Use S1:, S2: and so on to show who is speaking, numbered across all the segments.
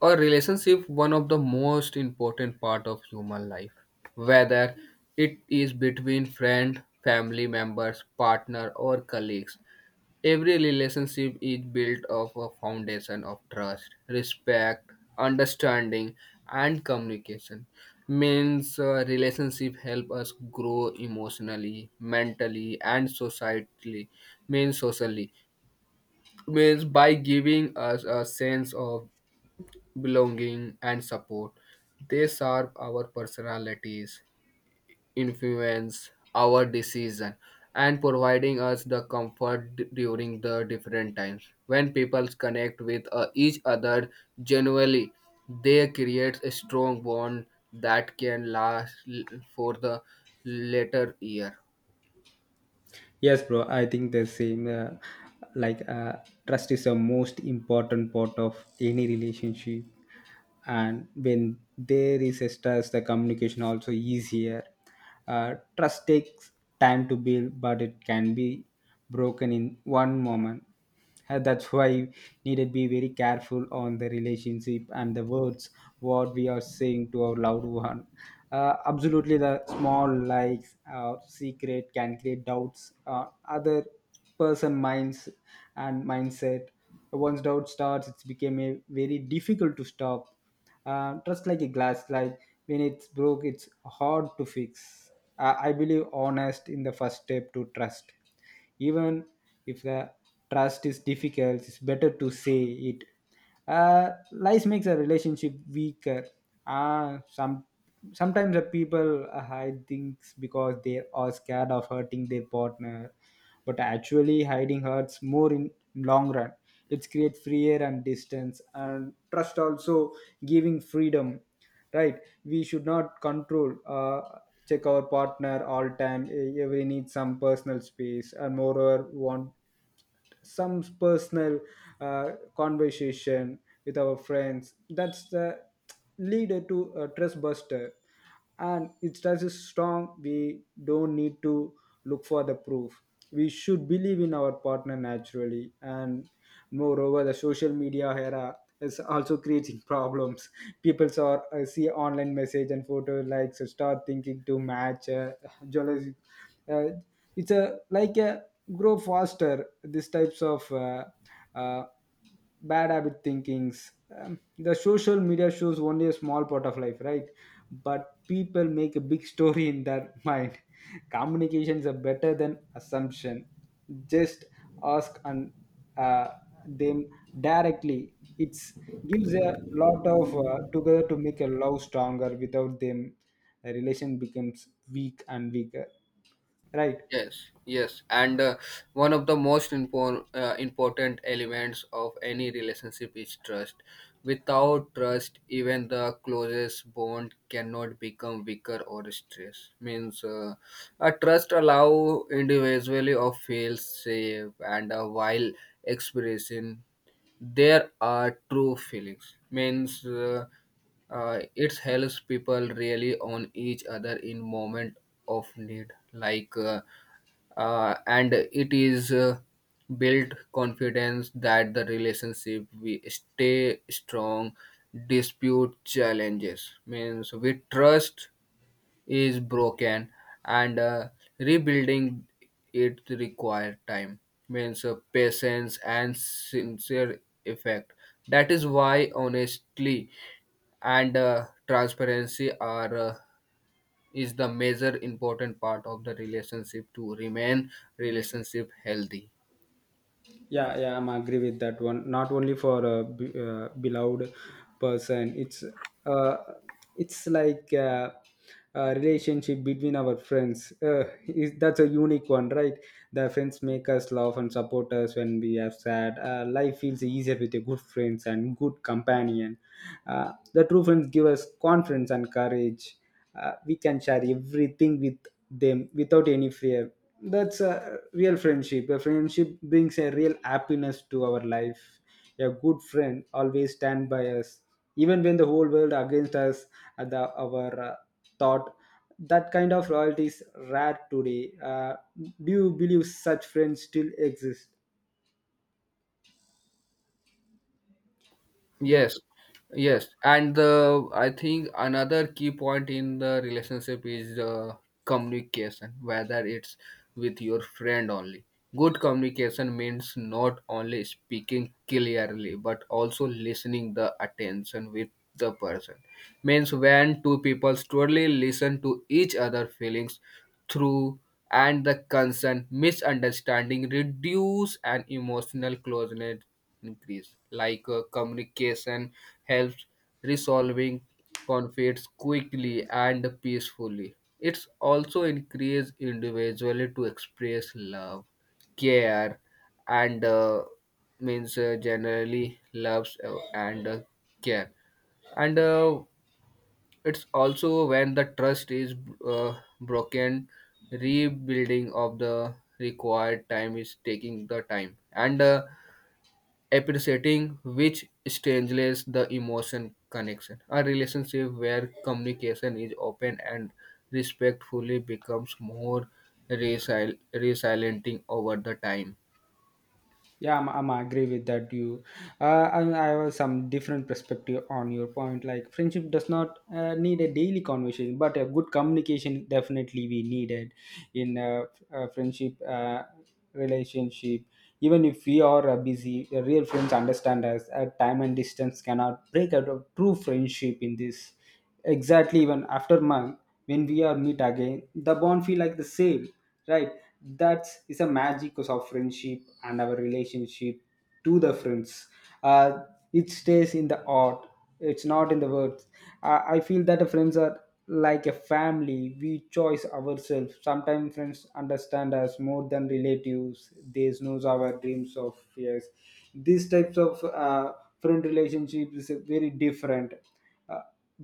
S1: A relationship one of the most important part of human life, whether it is between friend, family members, partner, or colleagues, every relationship is built of a foundation of trust, respect, understanding, and communication. Means Relationship help us grow emotionally, mentally, and societally, means socially, means by giving us a sense of belonging and support. They serve our personalities, influence our decision, and providing us the comfort during the different times. When people connect with each other genuinely, they create a strong bond that can last for the later year.
S2: Yes, bro. I think the same. Like uh, trust is the most important part of any relationship, and when there is a trust, the communication also easier. Trust takes time to build, but it can be broken in one moment. That's why needed be very careful on the relationship and the words what we are saying to our loved one, absolutely the small likes or secret can create doubts, other person minds and mindset. Once doubt starts, it's became a very difficult to stop, just like a glass like when it's broke it's hard to fix. I believe honest in the first step to trust. Even if the trust is difficult, it's better to say it. Lies makes a relationship weaker. Ah, some sometimes the people hide things because they are scared of hurting their partner, but actually hiding hurts more in long run. It creates free air and distance, and trust also giving freedom, right? We should not control, check our partner all time. We need some personal space, and moreover want some personal conversation with our friends. That's the leader to a trust buster, and it does is strong. We don't need to look for the proof. We should believe in our partner naturally, and moreover the social media era is also creating problems. People see online message and photo likes and start thinking to match, jealousy. Uh, it's a like a grow faster these types of uh, bad habit thinkings. The social media shows only a small part of life, right? But people make a big story in their mind. Communications are better than assumption. Just ask and uh, them directly, it's gives a lot of together to make a love stronger without them. A relation becomes weak and weaker, right?
S1: Yes, yes, and one of the most important elements of any relationship is trust. Without trust, even the closest bond cannot become weaker or stressed. A trust allow individually of feel safe and a while expressing there are true feelings. Means It helps people really on each other in moment of need, and it is built confidence that the relationship we stay strong dispute challenges. Means We trust is broken, and rebuilding it require time, means patience and sincere effect. That is why honestly and transparency are is the major important part of the relationship to remain relationship healthy.
S2: Yeah, yeah, I'm agree with that one, not only for a beloved person. It's uh it's like a relationship between our friends, that's a unique one, right? The friends make us laugh and support us when we are sad. Life feels easier with a good friends and good companion. The true friends give us confidence and courage. We can share everything with them without any fear. That's a real friendship. A friendship brings a real happiness to our life. A good friend always stand by us, even when the whole world against us. Our thought, that kind of loyalty is rare today. Do you believe such friends still exist? The
S1: Yes,
S2: Yeah,
S1: yes, and the I think another key point in the relationship is the communication, whether it's with your friend only. Good communication means not only speaking clearly but also listening the attention with the person. Means When two people truly listen to each other feelings through and the concern, misunderstanding reduce and emotional closeness increase. Communication helps resolving conflicts quickly and peacefully. It's also encourages individually to express love, care, and means generally loves, and care, and it's also when the trust is uh, broken. Rebuilding of the required time is taking the time, and appreciating which strengthens the emotion connection. A relationship where communication is open and respectfully becomes more resilient over the time.
S2: yeah, I'm agree with that you. And I have some different perspective on your point, like friendship does not need a daily conversation, but a good communication definitely we needed in a friendship relationship. Even if we are busy, the real friends understand us. Time and distance cannot break out of true friendship in this. Exactly, even after month when we are meet again, the bond feel like the same, right? That is a magic of friendship and our relationship to the friends. Uh, it stays in the heart, it's not in the words. I feel that the friends are like a family we choose ourselves. Sometimes friends understand us more than relatives, they knows our dreams of fears. These types of friend relationships is very different. uh,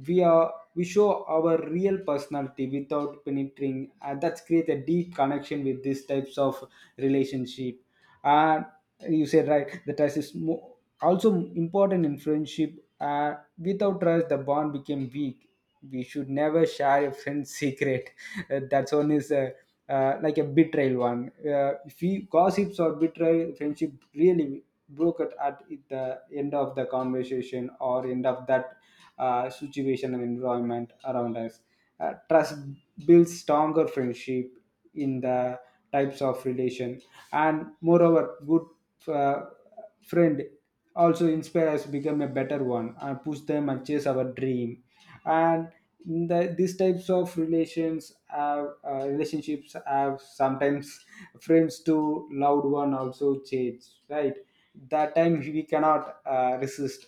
S2: we are we show our real personality without penetrating, and that's create a deep connection with these types of relationship. And you said right, the trust is also important in friendship. Without trust the bond became weak. We should never share a friend's secret. That's one is like a betrayal one. If we gossips or betray friendship really broke it at the end of the conversation or end of that situation and environment around us. Trust builds stronger friendship in the types of relation, and moreover, good uh, friend also inspire us to become a better one and push them and chase our dream. And these types of relationships have sometimes friends to loved one also change, right? That time we cannot resist.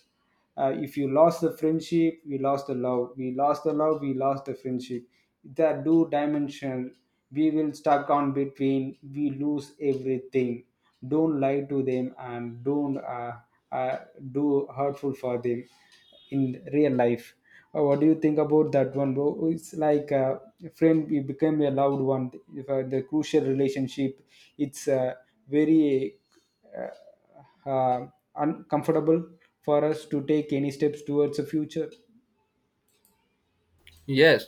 S2: If you lost the friendship we lost the love, we lost the friendship. That two dimensional, we will stuck on between, we lose everything. Don't lie to them and don't uh, do hurtful for them in real life. What do you think about that one, bro? It's like a friend we became a loved one. If the crucial relationship, it's very uh, uh, uncomfortable for us to take any steps towards the future.
S1: Yes,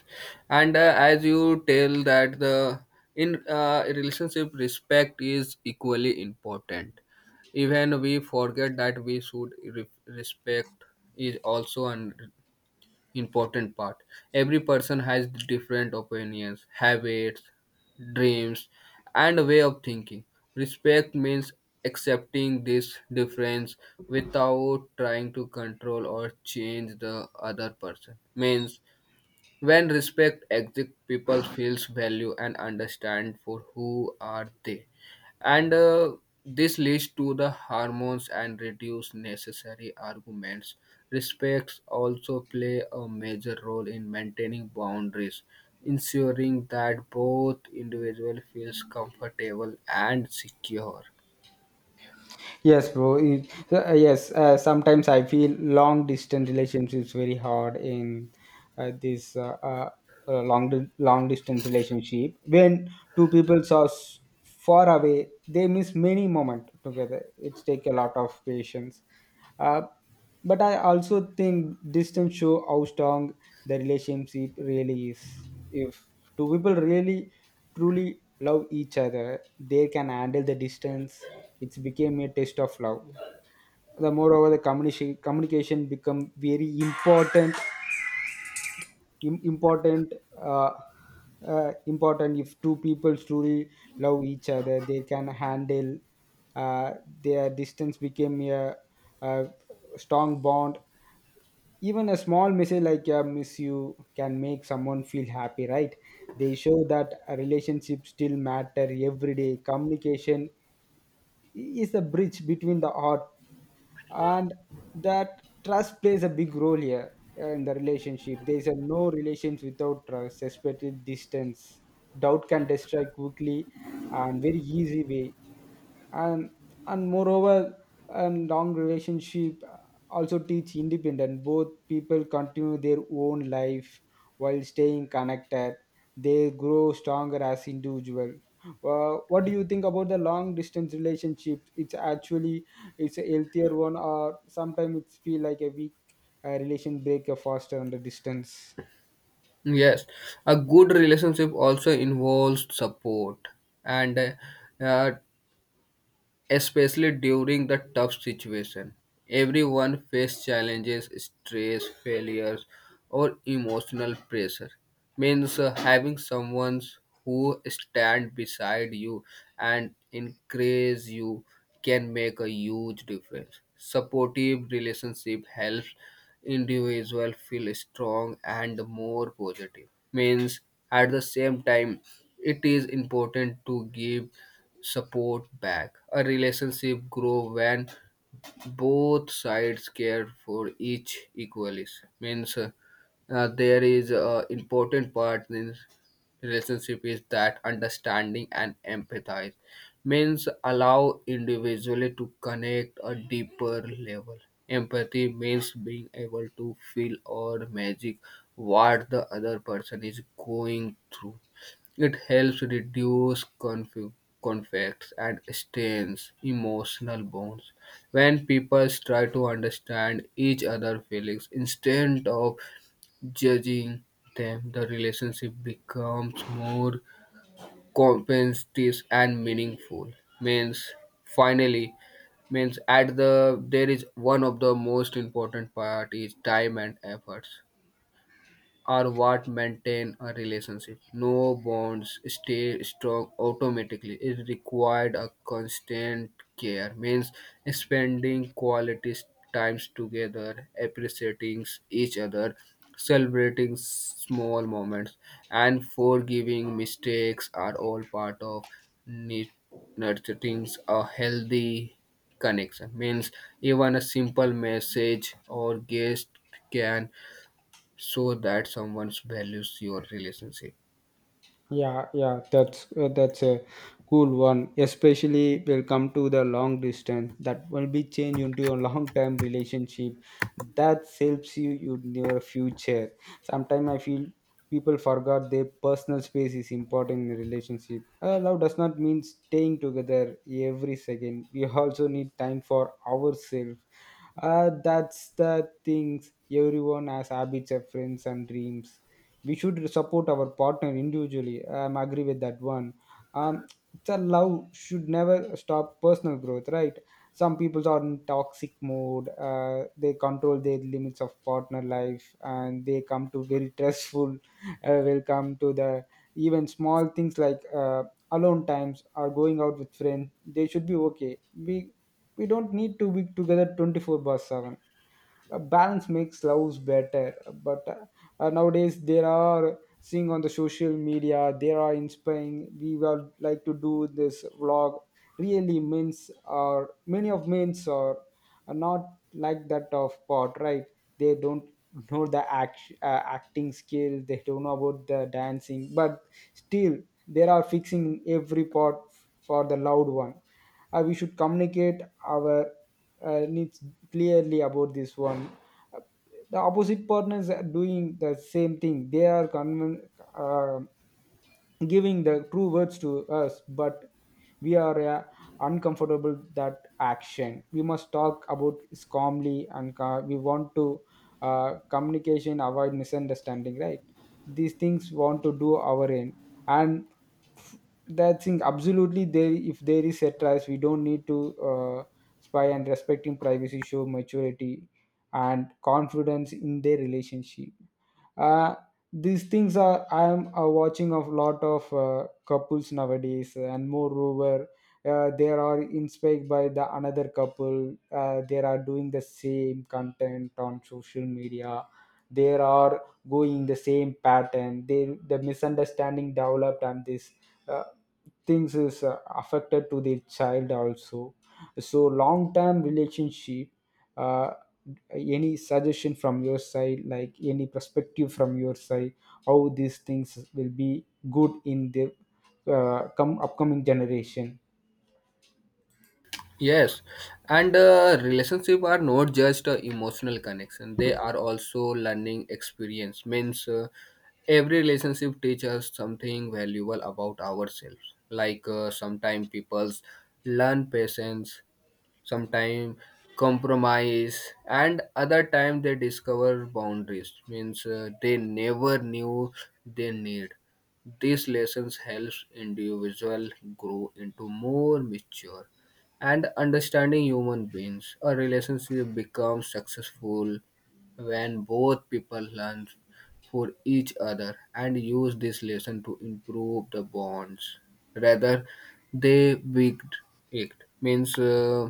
S1: and as you tell that the in relationship respect is equally important. Even we forget that we should respect is also important important part. Every person has different opinions, habits, dreams, and a way of thinking. Respect means accepting this difference without trying to control or change the other person. Means When respect exists, people feels value and understand for who are they, and this leads to the hormones and reduce necessary arguments. Respects also play a major role in maintaining boundaries, ensuring that both individual feels comfortable and secure.
S2: Yes, bro, yes, sometimes I feel long distance relationships very hard in uh, this uh, uh, long distance relationship when two people are far away, they miss many moment together, it's take a lot of patience. Uh, But I also think distance show how strong the relationship really is. If two people really truly love each other, they can handle the distance. It's became a test of love. The moreover, the communication become very important. Important. Uh, important if two people truly love each other they can handle uh, their distance became a strong bond, even a small message like miss you can make someone feel happy, right? They show that a relationship still matter every day. Communication is the bridge between the heart, and that trust plays a big role here. In the relationship there is a no relations without trust, especially distance, doubt can destroy quickly and very easy way. And and moreover and long relationship also teach independent, both people continue their own life while staying connected, they grow stronger as individual. What do you think about the long distance relationship, it's actually it's a healthier one or sometimes it's feel like a weak, relation break faster on the distance?
S1: Yes, a good relationship also involves support and uh, especially during the tough situation. Everyone faces challenges, stress, failures, or emotional pressure. Means Having someone who stand beside you and encourage you can make a huge difference. Supportive relationship helps individual feel strong and more positive. Means At the same time, it is important to give support back. A relationship grow when both sides care for each equally. Means There is a important part in relationship is that understanding and empathize. Means Allow individually to connect a deeper level. Empathy means being able to feel or magic what the other person is going through. It helps reduce conflicts and strains emotional bonds. When people try to understand each other's feelings instead of judging them, the relationship becomes more competitive and meaningful. Means finally means at the there is one of the most important part is time and efforts are what maintain a relationship. No bonds stay strong automatically. It required a constant care. Means Spending quality times together, appreciating each other, celebrating small moments, and forgiving mistakes are all part of nit- nurturing a healthy connection. Means Even a simple message or guest can so that someone values your relationship.
S2: Yeah, yeah, that's a cool one. Especially will come to the long distance that will be changed into a long term relationship that helps you in your future. Sometimes I feel people forgot their personal space is important in a relationship. Love does not mean staying together every second. We also need time for ourselves. That's the things everyone has habits, of friends, and dreams. We should support our partner individually, I'm agree with that one. Um it's a love should never stop personal growth, right? Some people are in toxic mode, they control their limits of partner life and they come to very stressful. Will come to the even small things like alone times or going out with friends, they should be okay, we don't need to be together 24/7. Balance makes love better, but nowadays there are seeing on the social media there are inspiring. We would like to do this vlog. Really, means are many of men's are not like that of part, right? They don't know the acting skill. They don't know about the dancing, but still they are fixing every part for the loud one. We should communicate our needs clearly about this one. Uh, the opposite partners are doing the same thing, they are uh, giving the true words to us but we are uncomfortable that action. We must talk about this calmly and we want to communication avoid misunderstanding, right? These things want to do our end, and that thing absolutely there, if there is a trust we don't need to spy, and respecting privacy show maturity and confidence in their relationship. Uh, these things are I am watching a lot of couples nowadays, and moreover they are inspired by the another couple, they are doing the same content on social media. They are going the same pattern, they the misunderstanding developed, and this uh, things is affected to the child also. So long term relationship, uh, any suggestion from your side, like any perspective from your side, how these things will be good in the come upcoming generation?
S1: Yes, and relationship are not just emotional connection. They are also learning experience. Means Every relationship teaches us something valuable about ourselves. Sometimes people learn patience, sometime compromise, and other time they discover boundaries means they never knew they need. These lessons helps individual grow into more mature and understanding human beings. A relationship becomes successful when both people learn for each other and use this lesson to improve the bonds rather they wigged it. Means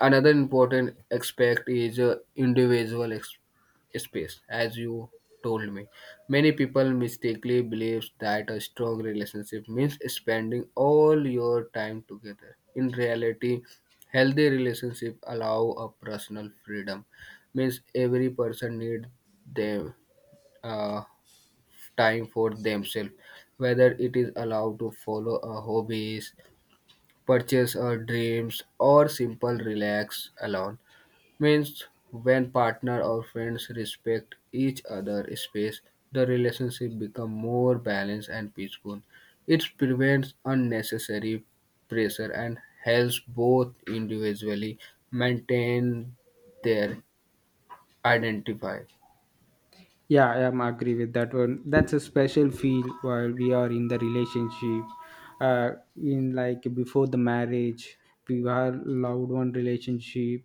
S1: Another important aspect is individual space, as you told me. Many people mistakenly believes that a strong relationship means spending all your time together. In reality, healthy relationship allow a personal freedom. Means Every person need them uh, time for themselves, whether it is allowed to follow a hobbies, purchase a dreams, or simple relax alone. Means When partner or friends respect each other space, the relationship become more balanced and peaceful. It prevents unnecessary pressure and helps both individually maintain their identity.
S2: Yeah, I am agree with that one. That's a special feel while we are in the relationship. In like before the marriage, we were loved one relationship.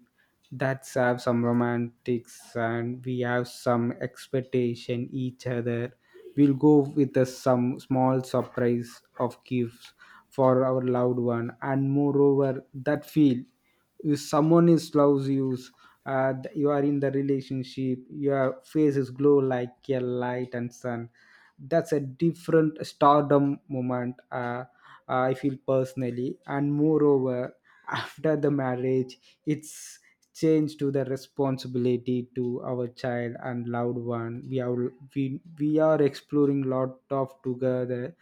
S2: That's have some romantics and we have some expectation each other. We'll go with a, some small surprise of gifts for our loved one, and moreover that feel if someone is loves you you are in the relationship, your face is glow like a light and sun. That's a different stardom moment I feel personally, and moreover after the marriage it's changed to the responsibility to our child and loved one. We are we are exploring lot of together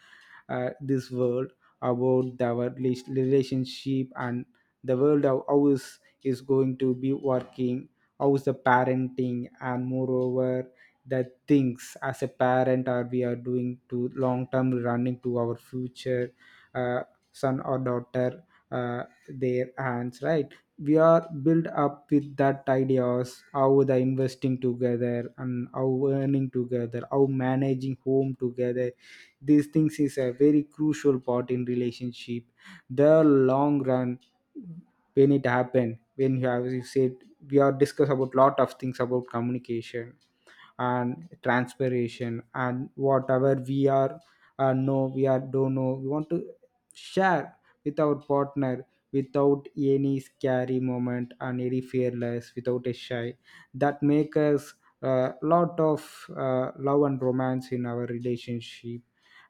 S2: this world about our relationship, and the world of how is going to be working, how is the parenting, and moreover the things as a parent are we are doing to long term running to our future uh, son or daughter, uh, their hands, right? We are built up with that ideas, how the investing together and how earning together, how managing home together. These things is a very crucial part in relationship, the long run. When it happened, when you have you said, we are discuss about lot of things about communication and transpiration, and whatever we are know, we are don't know, we want to share with our partner without any scary moment and any fearless, without a shy. That make us a lot of love and romance in our relationship.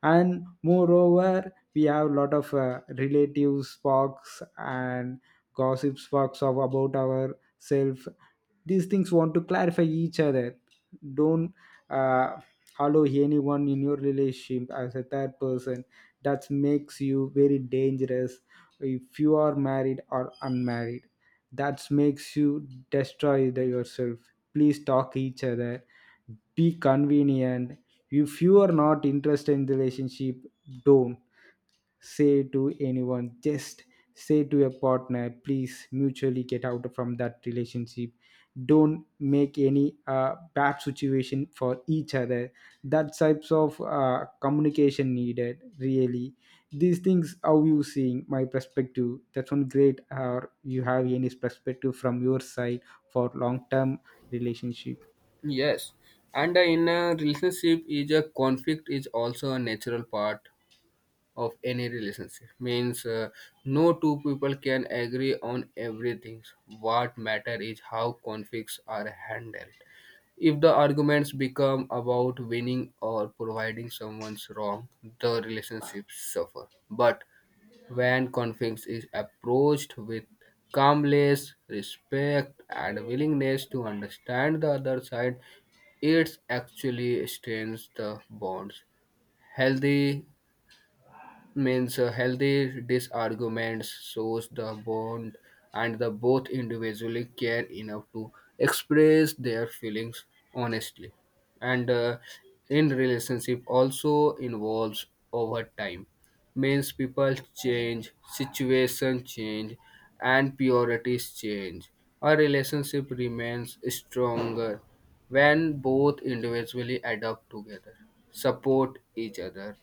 S2: And moreover we have a lot of relative sparks and gossip sparks of about ourselves. These things want to clarify each other. Don't uh, allow anyone in your relationship as a third person. That makes you very dangerous, if you are married or unmarried. That makes you destroy the yourself. Please talk each other, be convenient. If you are not interested in the relationship, don't say to anyone, just say to your partner please mutually get out from that relationship. Don't make any bad situation for each other. That types of communication needed really. These things, how you seeing my perspective, that's one great? Or you have any perspective from your side for long term relationship?
S1: Yes, and in a relationship, is a conflict is also a natural part of any relationship. Means No two people can agree on everything. What matter is how conflicts are handled. If the arguments become about winning or providing someone's wrong, the relationship suffer. But when conflict is approached with calmness, respect, and willingness to understand the other side, it actually strengthens the bonds. Healthy Healthy disarguments shows the bond and the both individually care enough to express their feelings honestly, and in relationship also involves over time. Means People change, situation change, and priorities change. A relationship remains stronger when both individually adapt together, support each other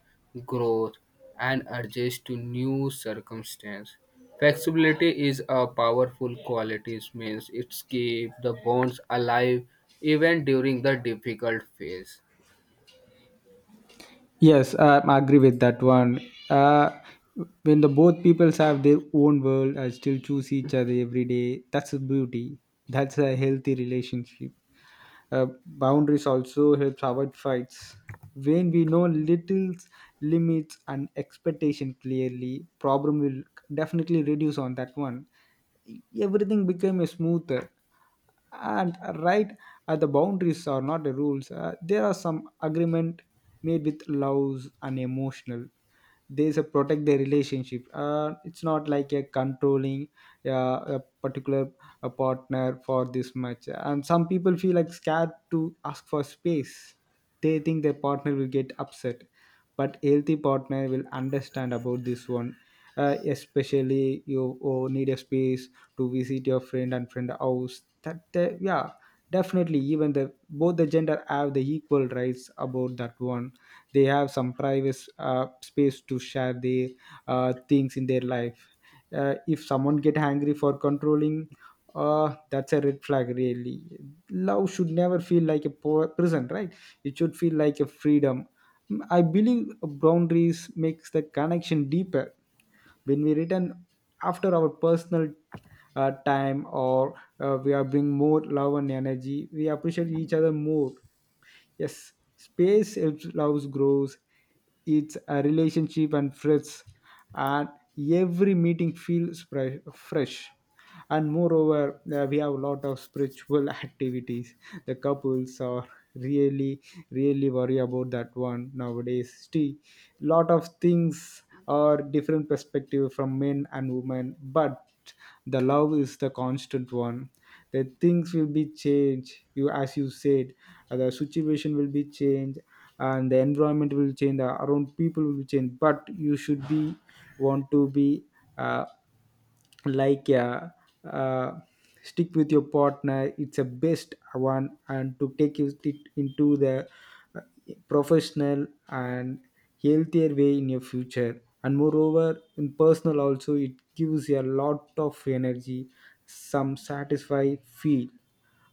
S1: growth, and adjust to new circumstance. Flexibility is a powerful quality, it means it keeps the bonds alive even during the difficult phase.
S2: Yes, I agree with that one. Uh, when the both peoples have their own world and still choose each other every day, that's a beauty. That's a healthy relationship. Boundaries also helps avoid fights. When we know little limits and expectation clearly, problem will definitely reduce on that one. Everything became a smoother and right at the boundaries are not the rules. There are some agreement made with laws and emotional, there's a protect the relationship. It's not like a controlling a particular a partner for this much. And some people feel like scared to ask for space, they think their partner will get upset, but healthy partner will understand about this one. Especially you, oh, need a space to visit your friend and friend house, yeah, definitely. Even the both the gender have the equal rights about that one. They have some private space to share their things in their life. If someone get angry for controlling, uh, that's a red flag really. Love should never feel like a prison, right? It should feel like a freedom. Mm, I believe boundaries makes the connection deeper. When we return after our personal time, or we are bring more love and energy, we appreciate each other more. Yes, space helps love grows. It's a relationship and friends, and every meeting feels fresh. And moreover, we have a lot of spiritual activities. The couples are really, really worry about that one nowadays. Still, lot of things are different perspective from men and women, but the love is the constant one. The things will be changed, you as you said, the situation will be changed, and the environment will change, the around people will be changed, but you should be want to be uh, like uh, uh, stick with your partner. It's a best one, and to take it it into the uh, professional and healthier way in your future. And moreover, in personal also, it gives you a lot of energy, some satisfy feel.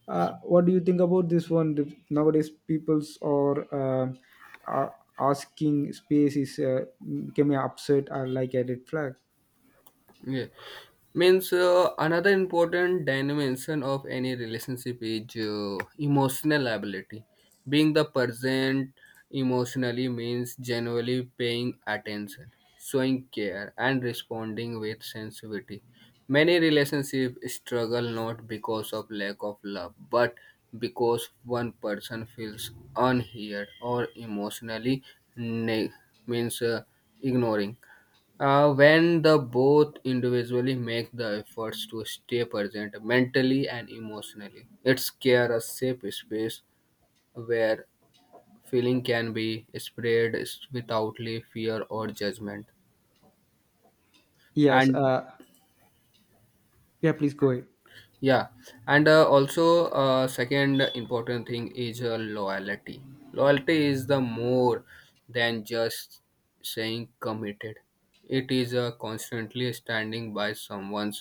S2: What do you think about this one? The- nowadays people's, or uh, are asking space is becoming upset or like a red flag?
S1: Yeah. Means Another important dimension of any relationship is emotional ability. Being the present emotionally means genuinely paying attention, showing care, and responding with sensitivity. Many relationships struggle not because of lack of love, but because one person feels unheard or emotionally neg- means ignoring. When the both individually make the efforts to stay present mentally and emotionally, it creates a safe space where feeling can be spread without fear or judgment.
S2: yes
S1: And
S2: uh, yeah, please go ahead.
S1: yeah, and also second important thing is loyalty. Loyalty is the more than just saying committed. It is constantly standing by someone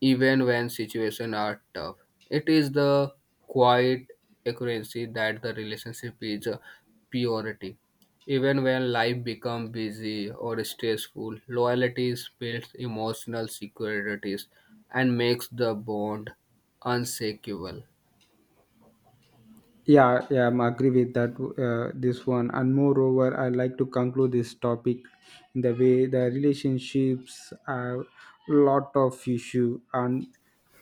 S1: even when situations are tough. It is the quiet accuracy that the relationship is a purity. Even when life becomes busy or stressful, loyalty builds emotional securities and makes the bond unshakable.
S2: Yeah, yeah, I'm agree with that. This one. And moreover, I like to conclude this topic in the way the relationships are lot of issue, and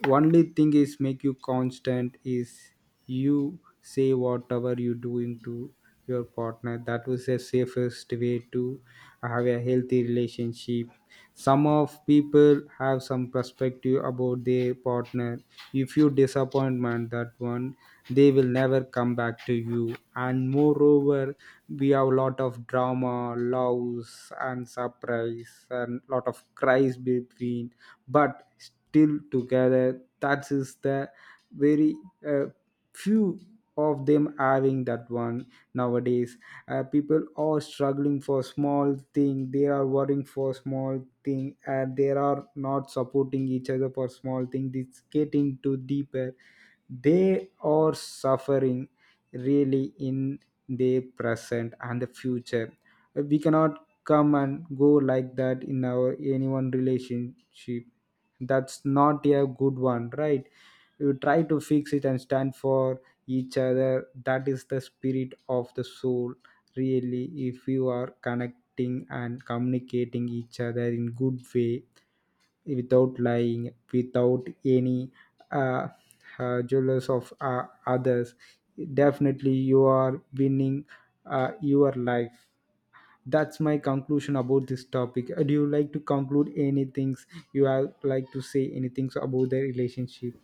S2: only thing is make you constant is you say whatever you doing to your partner. That was the safest way to have a healthy relationship. Some of people have some perspective about their partner. If you disappointment that one, they will never come back to you. And moreover we have a lot of drama loves and surprise and lot of cries between, but still together. That is the very uh, few of them having that one nowadays. People are struggling for small thing, they are worrying for small thing, and they are not supporting each other for small thing. It's getting too deeper, they are suffering really in the present and the future. We cannot come and go like that in our anyone relationship. That's not a good one, right? You try to fix it and stand for each other, that is the spirit of the soul really. If you are connecting and communicating each other in good way, without lying, without any uh, jealous of others, definitely you are winning your life. That's my conclusion about this topic. Do you like to conclude any things, you have like to say anything about the relationship?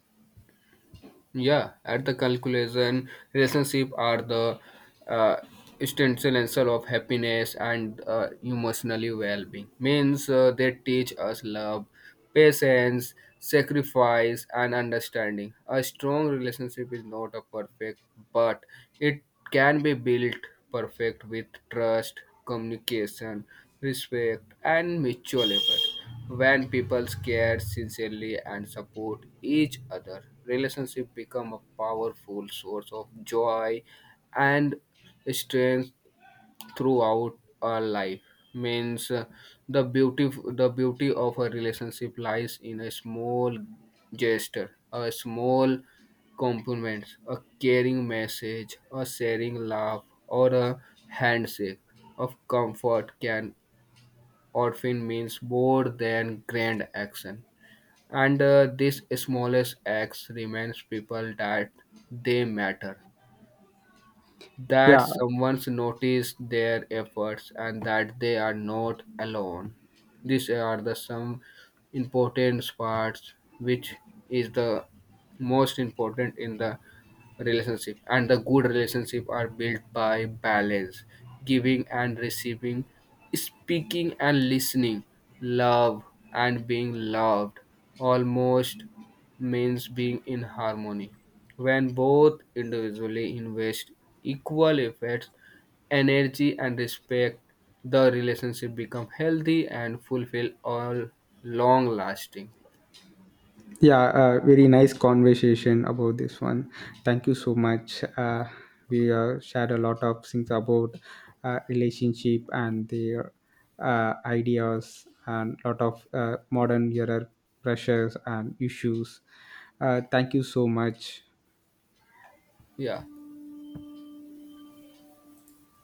S1: Yeah, at the calculation, relationship are the uh, essential of happiness and emotionally well-being. Means They teach us love, patience, sacrifice, and understanding. A strong relationship is not a perfect, but it can be built perfect with trust, communication, respect, and mutual effort. When people care sincerely and support each other, relationship become a powerful source of joy and strength throughout our life. Means The beauty, the beauty of a relationship lies in a small gesture, a small compliments, a caring message, a sharing laugh, or a handshake of comfort can Orphan means more than grand action. And these smallest acts reminds people that they matter, that
S2: yeah
S1: someone's noticed their efforts, and that they are not alone. These are the some important parts which is the most important in the relationship, and the good relationship are built by balance, giving and receiving, speaking and listening, love and being loved almost, means being in harmony. When both individually invest equal efforts, energy, and respect, the relationship become healthy and fulfill all long lasting.
S2: yeah, very nice conversation about this one. Thank you so much. We shared a lot of things about relationship and their ideas, and lot of modern era pressures and issues. Thank you so much.
S1: Yeah.